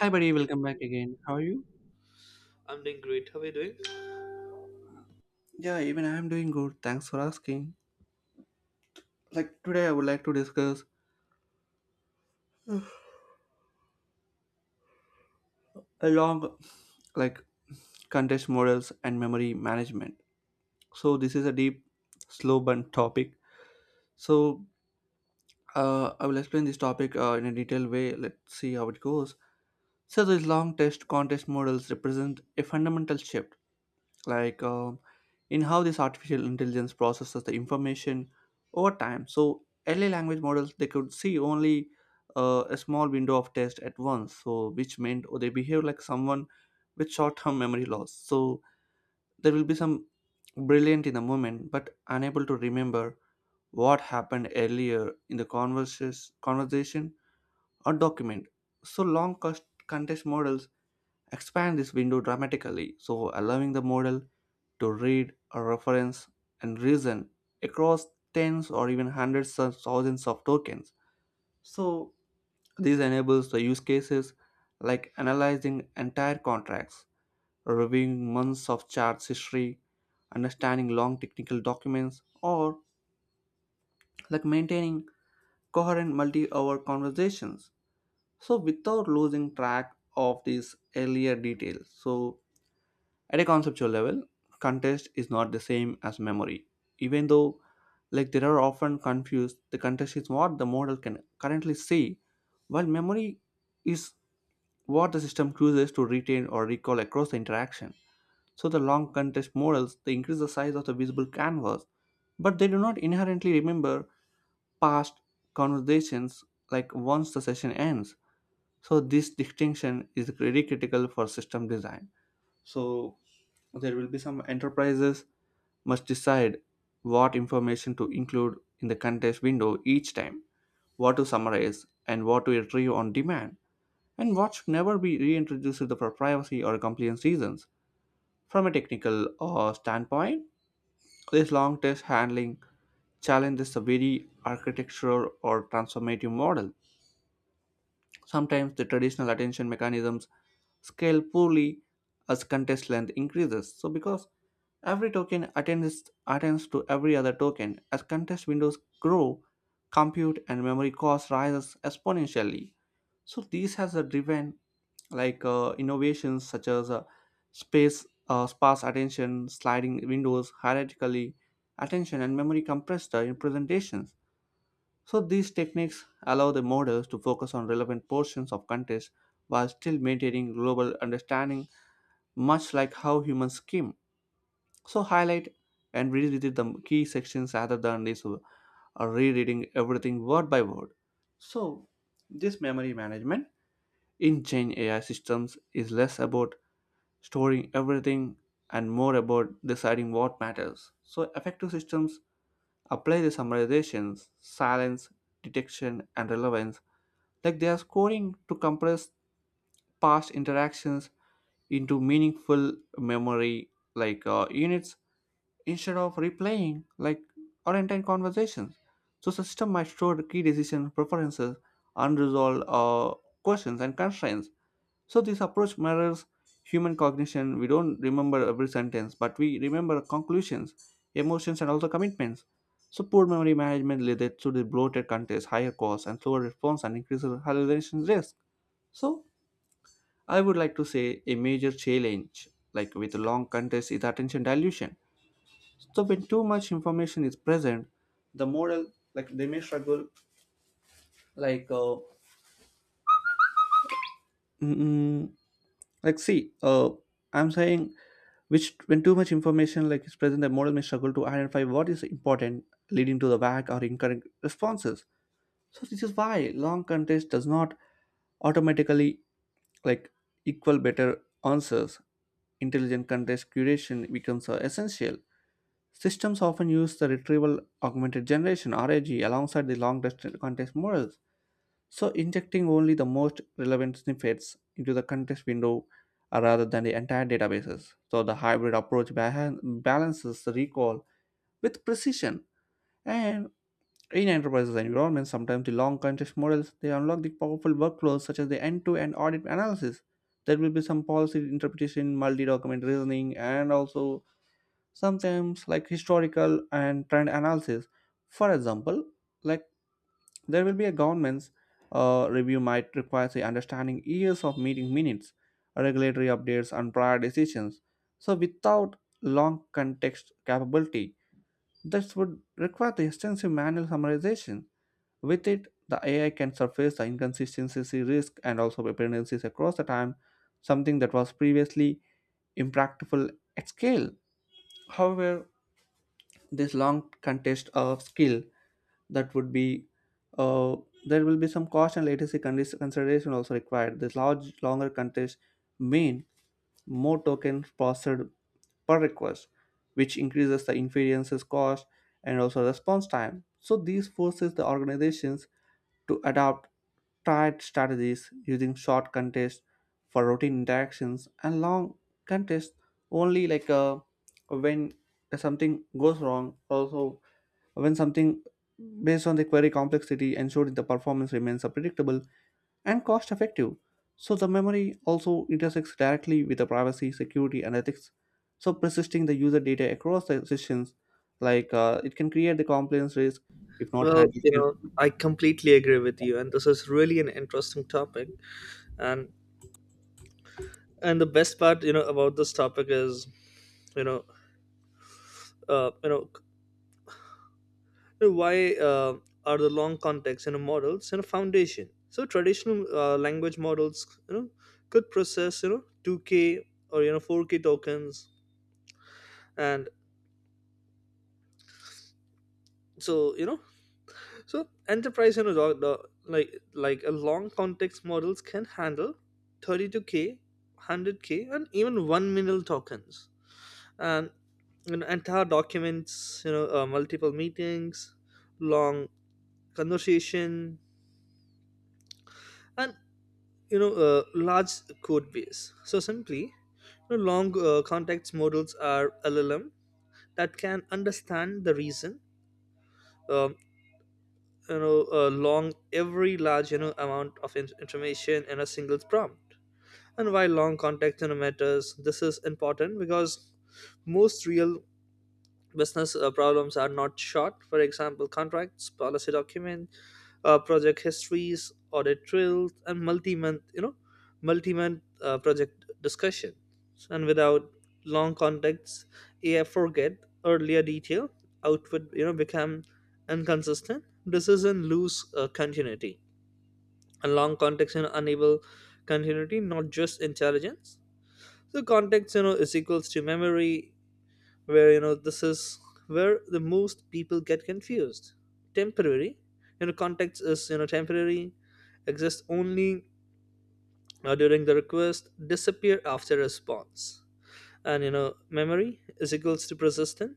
Hi, buddy. Welcome back again. How are you? I'm doing great. How are you doing? Yeah, even I am doing good. Thanks for asking. Like today, I would like to discuss a long, like contest models and memory management. So this is a deep, slow burn topic. So I will explain this topic in a detailed way. Let's see how it goes. So these long test contest models represent a fundamental shift like um, in how this artificial intelligence processes the information over time. So early language models, they could see only a small window of text at once, so which meant oh, they behave like someone with short-term memory loss. So there will be some brilliant in the moment but unable to remember what happened earlier in the conversation or document. So context models expand this window dramatically, so allowing the model to read, a reference, and reason across tens or even hundreds of thousands of tokens. So this enables the use cases like analyzing entire contracts, reviewing months of charts history, understanding long technical documents, or like maintaining coherent multi hour conversations. So, without losing track of these earlier details. So at a conceptual level, contest is not the same as memory. Even though like they are often confused, the contest is what the model can currently see, while memory is what the system chooses to retain or recall across the interaction. So the long contest models, they increase the size of the visible canvas, but they do not inherently remember past conversations like once the session ends. So this distinction is really critical for system design. So there will be some enterprises must decide what information to include in the contest window each time, what to summarize and what to retrieve on demand, and what should never be reintroduced for privacy or compliance reasons. From a technical standpoint, this long test handling challenges the very architecture or transformative model. Sometimes the traditional attention mechanisms scale poorly as contest length increases. So because every token attends to every other token, as contest windows grow, compute and memory cost rises exponentially. So this has a driven innovations such as space sparse attention, sliding windows, hierarchically attention and memory compressed in presentations. So these techniques allow the models to focus on relevant portions of context while still maintaining global understanding, much like how humans skim. So highlight and revisit the key sections rather than this rereading everything word by word. So this memory management in Gen AI systems is less about storing everything and more about deciding what matters. So effective systems apply the summarizations, silence, detection, and relevance like they are scoring to compress past interactions into meaningful memory units instead of replaying like or entire conversations. So system might store key decision preferences, unresolved questions and constraints. So this approach mirrors human cognition. We don't remember every sentence, but we remember conclusions, emotions, and also commitments. So poor memory management led to the bloated contest, higher costs and slower response, and increased hallucination risk. So, I would like to say a major challenge, like with long contests, is attention dilution. So, when too much information is present, the model, like they may struggle, like, mm, like see, I'm saying, which when too much information like is present, the model may struggle to identify what is important, leading to the vague or incorrect responses. So this is why long contest does not automatically like equal better answers. Intelligent contest curation becomes essential. Systems often use the retrieval augmented generation rag alongside the long distance contest models, so injecting only the most relevant snippets into the contest window rather than the entire databases. So the hybrid approach balances the recall with precision. And in enterprises and environments, sometimes the long context models, they unlock the powerful workflows such as the end-to-end audit analysis. There will be some policy interpretation, multi-document reasoning, and also sometimes like historical and trend analysis. For example, like there will be a government's review might require the understanding years of meeting minutes, regulatory updates, and prior decisions. So without long context capability, this would require the extensive manual summarization. With it, the AI can surface the inconsistency risk and also dependencies across the time, something that was previously impractical at scale. However, this long contest of skill that would be uh, there will be some cost and latency consideration also required. This large longer contests mean more tokens processed per request, which increases the inferences cost and also response time. So these forces the organizations to adopt tight strategies, using short contests for routine interactions and long contests only when something goes wrong, also when something based on the query complexity, ensuring the performance remains so predictable and cost effective. So the memory also intersects directly with the privacy security and ethics. So persisting the user data across the sessions it can create the compliance risk if not Well, handled carefully. I completely agree with you, and this is really an interesting topic. And and the best part, about this topic is, you know, uh, you know, why are the long context, models, foundation. So traditional language models, could process, 2K or 4K tokens, and so you know So enterprise, and know, like a long context models can handle 32K, 100K, and even 1 million tokens, and entire documents, multiple meetings, long conversation, and large code base. So simply, long context models are LLM that can understand the reason. Um, Long every large amount of information in a single prompt. And while long contact center matters, this is important because most real business problems are not short. For example, contracts, policy document, project histories, audit trails, and multi-month project discussion. And without long contacts, AI forget earlier detail, output, become inconsistent. Decision lose continuity. And long contacts enable continuity, not just intelligence. So context, is equals to memory, where this is where the most people get confused. Temporary, context is temporary, exists only during the request, disappear after response, and memory is equals to persistent,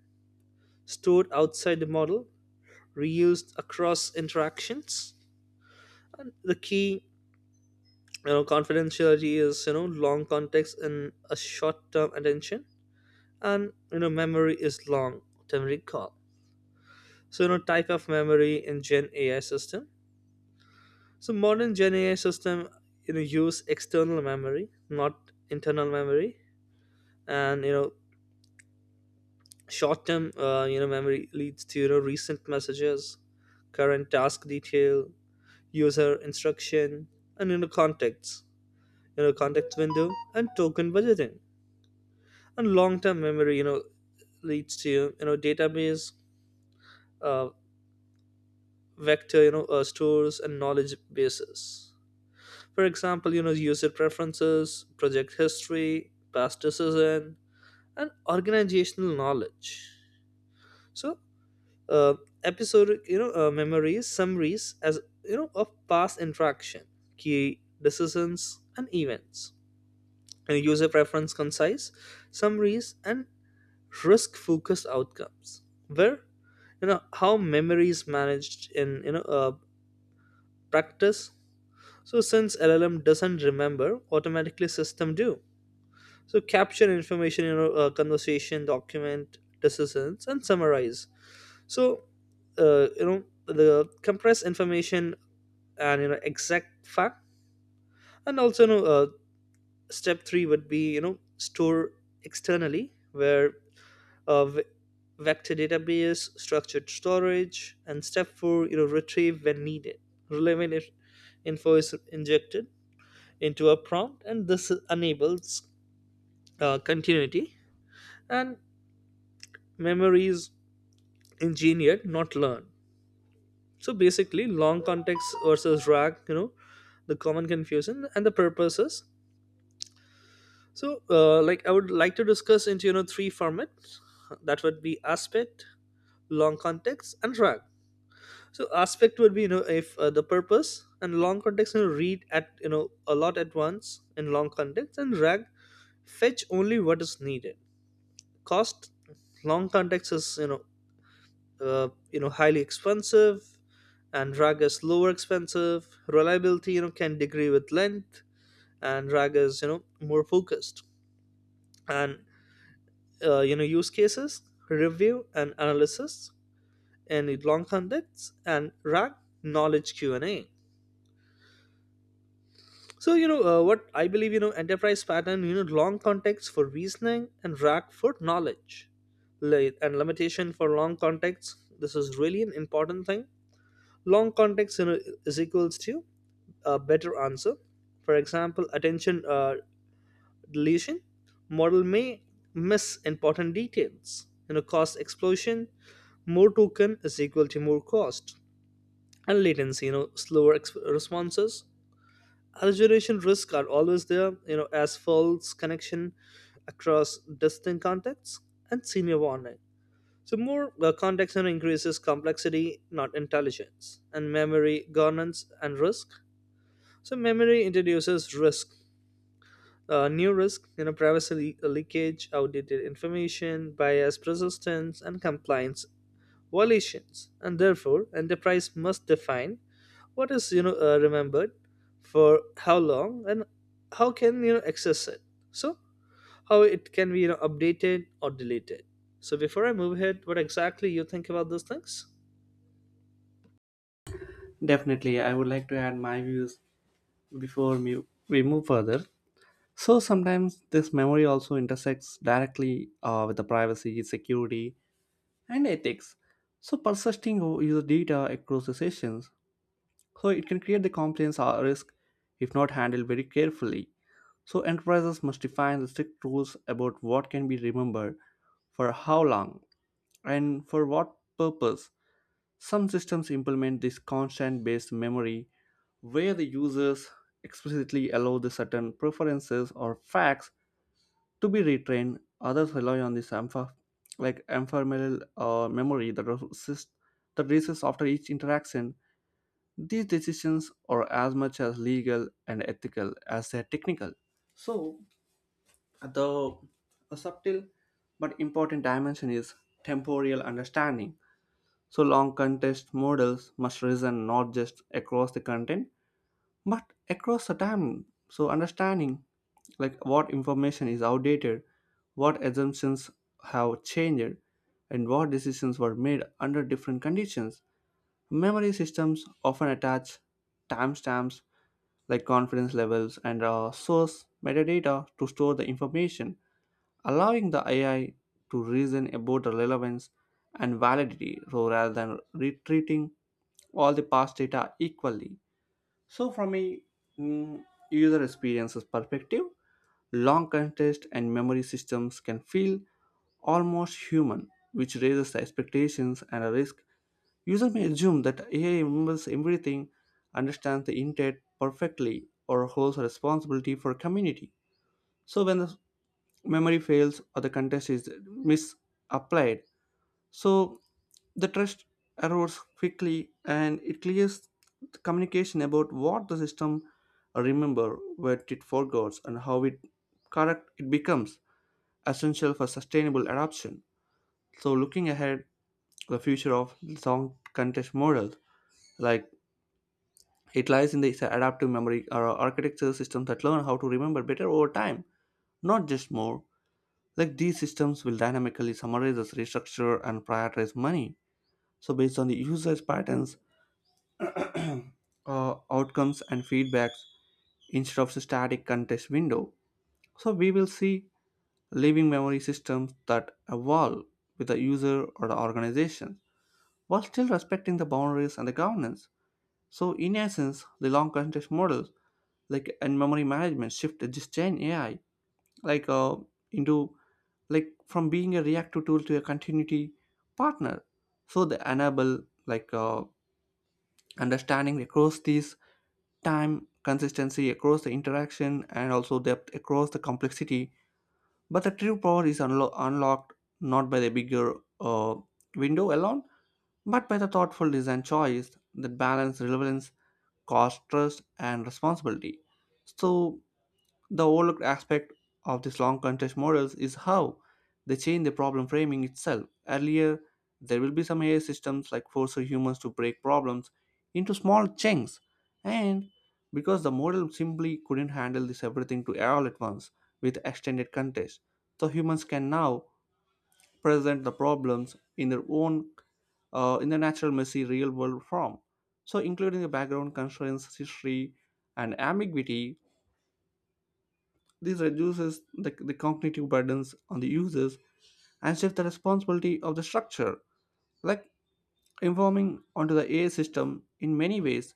stored outside the model, reused across interactions, and the key. Confidentiality is long context and a short term attention, and memory is long term recall. So type of memory in gen ai system. So modern gen ai system use external memory, not internal memory. And short term memory leads to recent messages, current task detail, user instruction, and contacts, context window and token budgeting. And long term memory leads to database, uh, vector stores, and knowledge bases. For example, user preferences, project history, past decision, and organizational knowledge. So uh, episodic memories summaries, as of past interaction, key decisions and events, and user preference concise summaries and risk focused outcomes. Where how memory is managed in practice. So since LLM doesn't remember, automatically system do. So capture information in a conversation, document decisions, and summarize. So the compress information and exact fact. And also step three would be store externally, where uh, v- vector database, structured storage, and step four retrieve when needed. Relevant info is injected into a prompt, and this enables continuity. And memory is engineered, not learned. So basically, long context versus RAG, the common confusion and the purposes. So, I would like to discuss into three formats. That would be aspect, long context, and RAG. So aspect would be if the purpose and long context read at a lot at once in long context, and RAG fetch only what is needed. Cost. Long context is highly expensive, and rag is lower expensive. Reliability can degree with length, and rag is more focused. And use cases, review and analysis in long contexts and rag, knowledge Q&A. So what I believe. Enterprise pattern. Long context for reasoning and rack for knowledge. And limitation for long context. This is really an important thing. Long context is equals to a better answer. For example, attention deletion model may miss important details. Cost explosion. More token is equal to more cost and latency. Slower responses. Exaggeration risks are always there, as false connection across distinct contexts and senior warning. So more context increases complexity, not intelligence. And memory governance and risk. So memory introduces risk, new risk, privacy leakage, outdated information, bias persistence, and compliance volitions. And therefore enterprise must define what is remembered for how long, and how can access it. So how it can be updated or deleted. So before I move ahead, what exactly you think about those things? Definitely, I would like to add my views before we move further. So sometimes this memory also intersects directly with the privacy security and ethics. So persisting user data across the sessions, so it can create the compliance or risk if not handled very carefully. So enterprises must define the strict rules about what can be remembered, for how long and for what purpose. Some systems implement this constant based memory where the users explicitly allow the certain preferences or facts to be retrained. Others rely on this ampha, like ephemeral memory that that resists after each interaction. These decisions are as much as legal and ethical as they are technical. So the a subtle but important dimension is temporal understanding. So, long contest models must reason not just across the content but across the time. So understanding like what information is outdated, what assumptions have changed, and what decisions were made under different conditions. Memory systems often attach timestamps like confidence levels and source metadata to store the information, allowing the AI to reason about the relevance and validity, so rather than retreating all the past data equally. So, from a mm, user experiences perspective, long contest and memory systems can feel almost human, which raises the expectations and a risk. User may assume that AI remembers everything, understands the intent perfectly, or holds a responsibility for community. So, when the memory fails or the contest is misapplied, so the trust erodes quickly and it clears the communication about what the system remember, what it forgets, and how it correct it becomes essential for sustainable adoption. So looking ahead, the future of song contest models like it lies in the adaptive memory or architecture systems that learn how to remember better over time, not just more. Like these systems will dynamically summarize, restructure, and prioritize money. So based on the user's patterns, outcomes and feedbacks instead of static context window. So we will see living memory systems that evolve with the user or the organization while still respecting the boundaries and the governance. So in essence, the long context models like and memory management shift just Gen AI like into like from being a reactive tool to a continuity partner. So they enable like uh, understanding across these time, consistency across the interaction, and also depth across the complexity. But the true power is unlocked not by the bigger uh, window alone, but by the thoughtful design choice that balance relevance, cost, trust, and responsibility. So the overlooked aspect of these long contest models is how they change the problem framing itself. Earlier, there will be some AI systems like force humans to break problems into small chunks, and because the model simply couldn't handle this everything to all at once with extended contest, so humans can now present the problems in their own in the natural messy real world form. So, including the background constraints, history, and ambiguity, this reduces the cognitive burdens on the users and shifts the responsibility of the structure, like informing onto the AI system in many ways.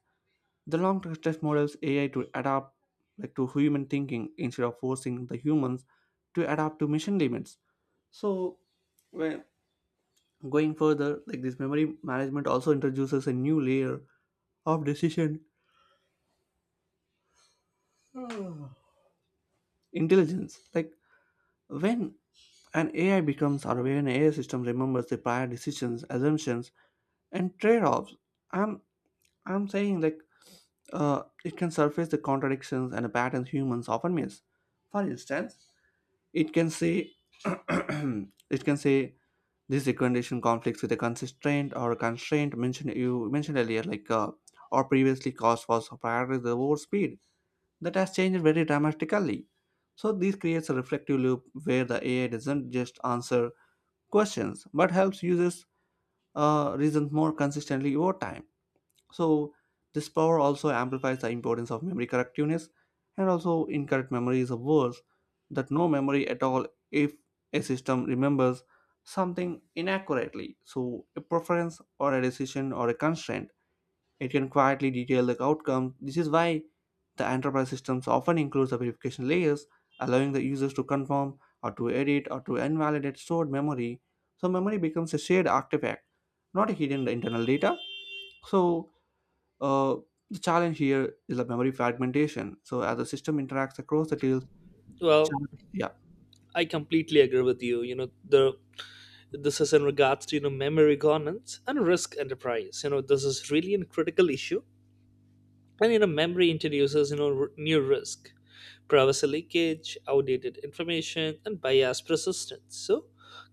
The long test models AI to adapt like to human thinking instead of forcing the humans to adapt to mission limits. So when going further, like this memory management also introduces a new layer of decision intelligence. Like when an AI becomes aware, an AI system remembers the prior decisions, assumptions, and trade-offs. I'm i'm saying, like, it can surface the contradictions and the patterns humans often miss. For instance, it can say it can say this recommendation conflicts with a constraint or a constraint mentioned you mentioned earlier, like, or previously cost was prioritized over speed, that has changed very dramatically. So this creates a reflective loop where the AI doesn't just answer questions but helps users reason more consistently over time. So this power also amplifies the importance of memory correctiveness, and also incorrect memory is worse that no memory at all. If a system remembers something inaccurately, so a preference or a decision or a constraint, it can quietly detail the outcome. This is why the enterprise systems often includes the verification layers, allowing the users to confirm or to edit or to invalidate stored memory. So memory becomes a shared artifact, not a hidden internal data. So uh, the challenge here is the memory fragmentation. So as the system interacts across the details, Well, yeah, I completely agree with you. You know the This is in regards to memory governance and risk enterprise. This is really a critical issue. And memory introduces new risk, privacy leakage, outdated information, and biased persistence. So,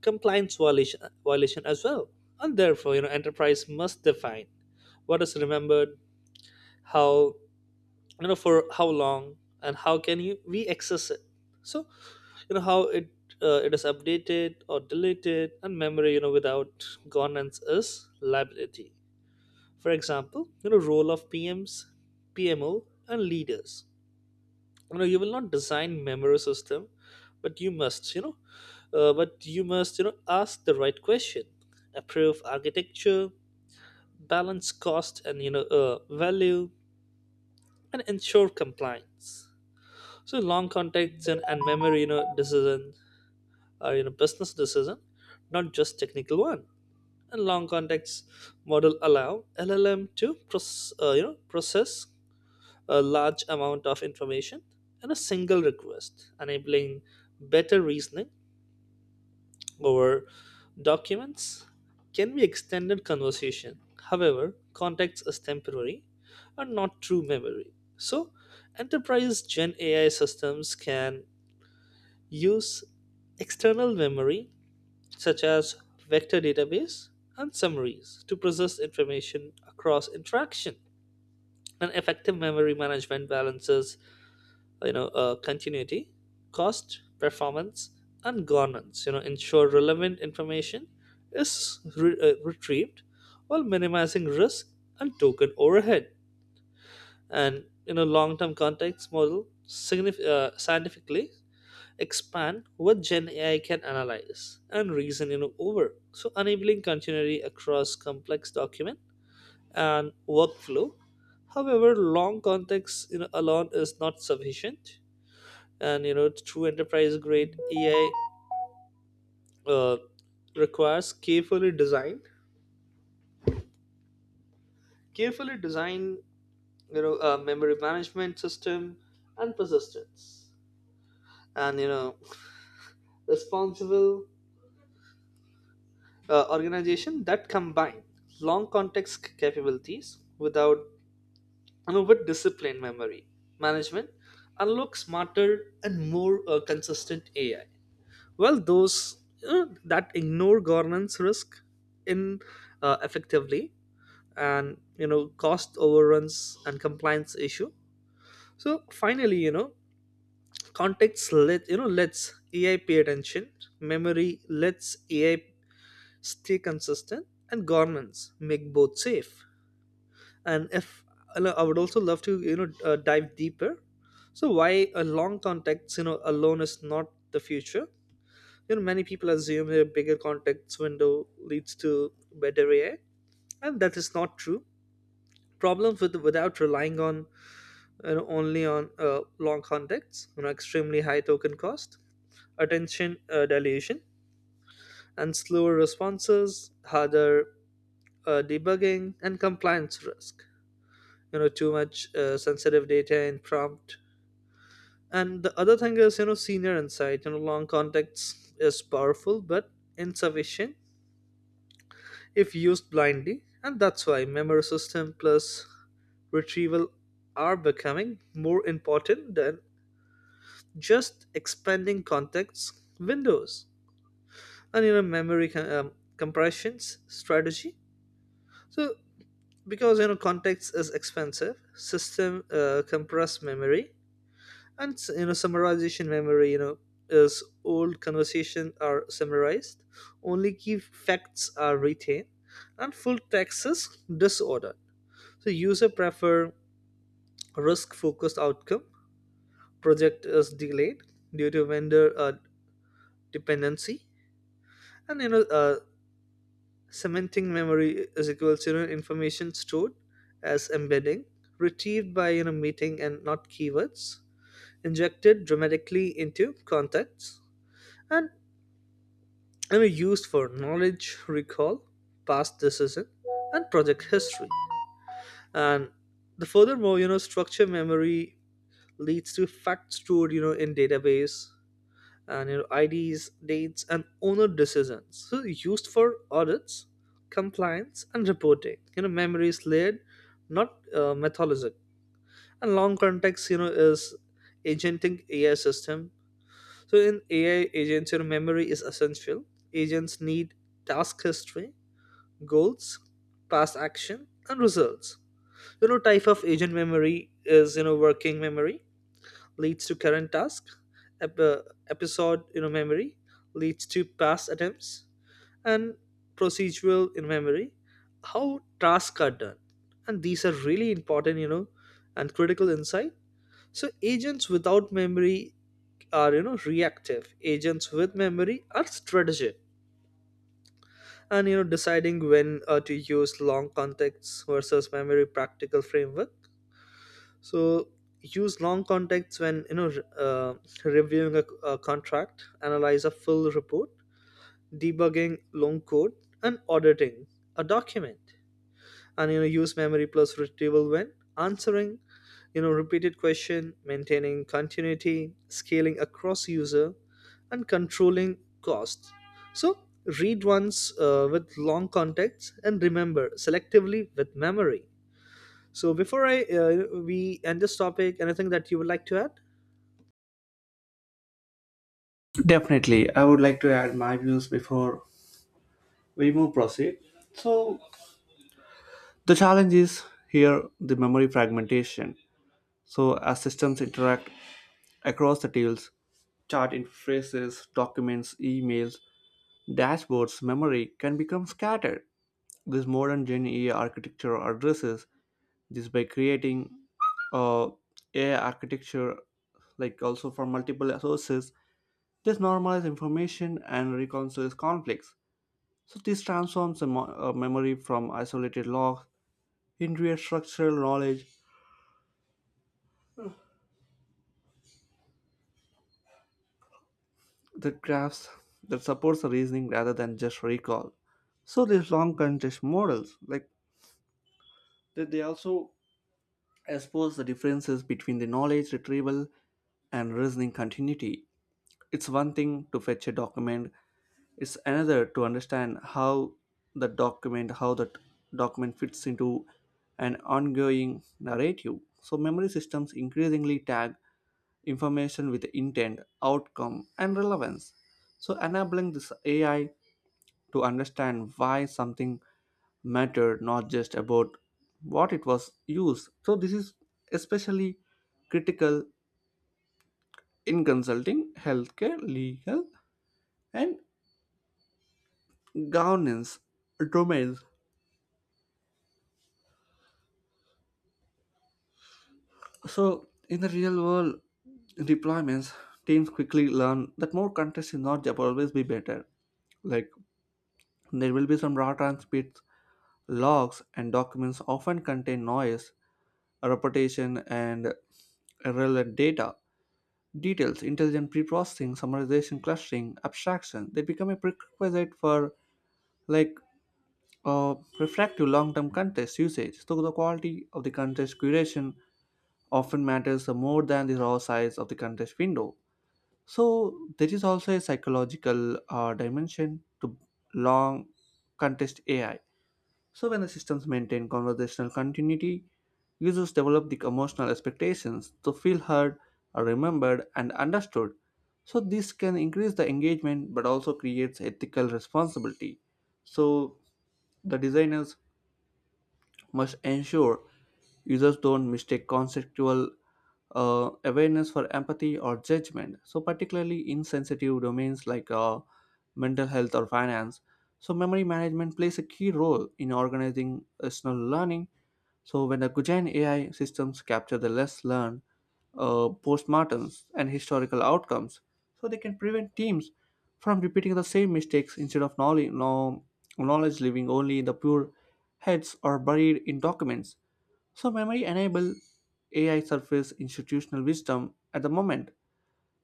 compliance violation as well. And therefore, enterprise must define what is remembered, how you know for how long, and how can you we access it. So, how it it is updated or deleted. And memory without governance is liability. For example, role of PMs, PMO, and leaders. You will not design memory system, but you must ask the right question, approve architecture, balance cost and value, and ensure compliance. So long contacts and memory decision are business decision, not just technical one. And long contacts model allow llm to process process a large amount of information in a single request, enabling better reasoning over documents, can be extended conversation. However, context is temporary and not true memory. So, enterprise Gen AI systems can use external memory, such as vector database and summaries, to process information across interaction. An effective memory management balances continuity, cost, performance, and governance. Ensure relevant information is retrieved while minimizing risk and token overhead. And in a long-term context model, scientifically expand what gen ai can analyze and reason over, so enabling continuity across complex document and workflow. However, long context alone is not sufficient. And true enterprise grade ai uh, requires carefully designed memory management system and persistence. And responsible organization that combine long context capabilities without, with disciplined memory management, and look smarter and more consistent ai. Well, those that ignore governance risk in, effectively, and cost overruns and compliance issue. So finally, context let, let's ai pay attention. Memory lets ai stay consistent, and governments make both safe. And if I would also love to dive deeper. So why a long context alone is not the future. Many people assume a bigger context window leads to better ai, and that is not true. Problems with, without relying on, and only on long contexts, extremely high token cost, attention dilution, and slower responses, harder debugging, and compliance risk. Too much sensitive data in prompt. And the other thing is, senior insight. Long context is powerful but insufficient if used blindly, and that's why memory system plus retrieval are becoming more important than just expanding context windows. And memory compressions strategy. So because context is expensive, system compress memory. And summarization memory, is old conversation are summarized, only key facts are retained, and full text is disordered. So user prefer risk focused outcome, project is delayed due to vendor dependency. And Cementing memory is equals to, information stored as embedding, retrieved by meeting and not keywords, injected dramatically into contexts, and used for knowledge recall, past decision, and project history. And the furthermore, structure memory leads to facts stored in database and your IDs, dates, and owner decisions. So used for audits, compliance, and reporting. Memory is layered, not methodologic. And long context, is agenting AI system. So in AI agents, your memory is essential. Agents need task history, goals, past action, and results. Type of agent memory is, working memory leads to current task, ep- uh, episode memory leads to past attempts, and procedural in memory how tasks are done. And these are really important, and critical insight. So agents without memory are, reactive. Agents with memory are strategic. And deciding when to use long contexts versus memory, practical framework. So use long contexts when, uh, reviewing a contract, analyze a full report, debugging long code, and auditing a document. And use memory plus retrieval when answering repeated question, maintaining continuity, scaling across user, and controlling costs. So read once with long contacts and remember selectively with memory. So before I we end this topic, anything that you would like to add? definitely. I would like to add my views before we move proceed. So the challenge is here the memory fragmentation. So as systems interact across the details, chart interfaces, documents, emails, dashboards, memory can become scattered. This modern Gen E A architecture addresses this by creating uh, AI architecture like also from multiple sources, this normalizes information and reconciles conflicts. So this transforms the memory from isolated logs into a structural knowledge that crafts that supports the reasoning rather than just recall. So these long contest models, like they also expose the differences between the knowledge retrieval and reasoning continuity. It's one thing to fetch a document, it's another to understand how the document how that document fits into an ongoing narrative. So memory systems increasingly tag information with intent, outcome, and relevance, so enabling this AI to understand why something mattered, not just about what it was used. So this is especially critical in consulting, healthcare, legal, and governance domains. So, in the real world deployments, teams quickly learn that more contests is not always be better. Like, there will be some raw transcripts, logs, and documents often contain noise, reputation, and irrelevant data. Details, intelligent pre-processing, summarization, clustering, abstraction, they become a prerequisite for, like, reflective long-term context usage. So the quality of the context curation often matters more than the raw size of the context window. So there is also a psychological dimension to long contest AI. So when the systems maintain conversational continuity, users develop the emotional expectations to feel heard, remembered, and understood. So this can increase the engagement but also creates ethical responsibility. So the designers must ensure users don't mistake conceptual awareness for empathy or judgment. So, particularly in sensitive domains like, mental health or finance. So, memory management plays a key role in organizing personal learning. So, when the Gujain AI systems capture the less learned, postmortems, and historical outcomes, so they can prevent teams from repeating the same mistakes instead of knowledge, no, knowledge living only in the pure heads or buried in documents. So memory enable AI surface institutional wisdom at the moment,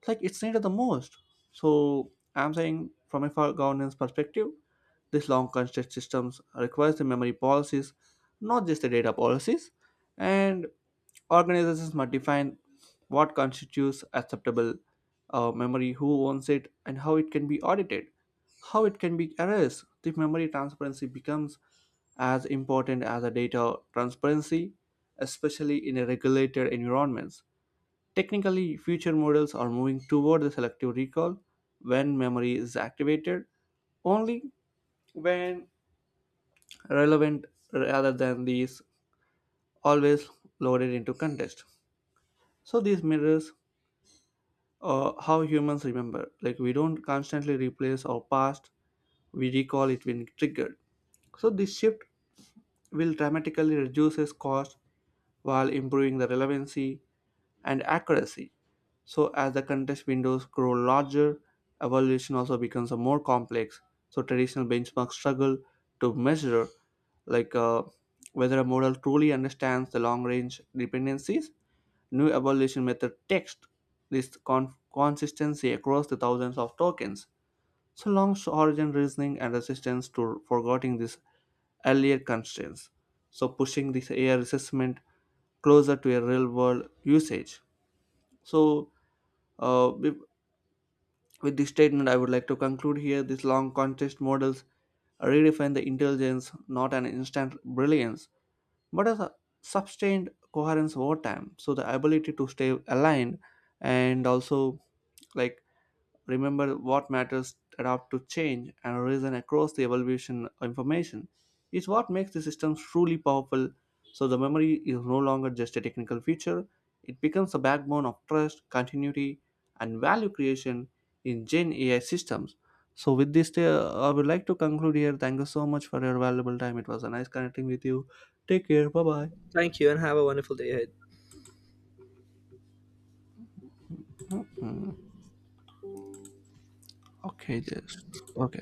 like it's needed the most. So I'm saying from a for governance perspective, these long construct systems requires the memory policies, not just the data policies, and organizations must define what constitutes acceptable memory, who owns it, and how it can be audited, how it can be erased. The memory transparency becomes as important as a data transparency, especially in a regulated environments. Technically, future models are moving toward the selective recall, when memory is activated only when relevant rather than these always loaded into context. So these mirrors how humans remember. Like, we don't constantly replace our past, we recall it when triggered. So this shift will dramatically reduces cost while improving the relevancy and accuracy. So, as the context windows grow larger, evaluation also becomes a more complex. So, traditional benchmarks struggle to measure, like, whether a model truly understands the long-range dependencies. New evaluation method text this consistency across the thousands of tokens. So, long origin reasoning and resistance to forgetting these earlier constraints. So, pushing this AI assessment closer to a real-world usage. So, uh, with, with this statement, I would like to conclude here. These long contest models redefine the intelligence, not an instant brilliance, but as a sustained coherence over time. So, the ability to stay aligned and also, like, remember what matters, adapt to change, and reason across the evolution information is what makes the systems truly powerful. So the memory is no longer just a technical feature, it becomes the backbone of trust, continuity, and value creation in Gen AI systems. So with this, I would like to conclude here. Thank you so much for your valuable time. It was a nice connecting with you. Take care. Bye Thank you, and have a wonderful day ahead. bye. Okay, just okay.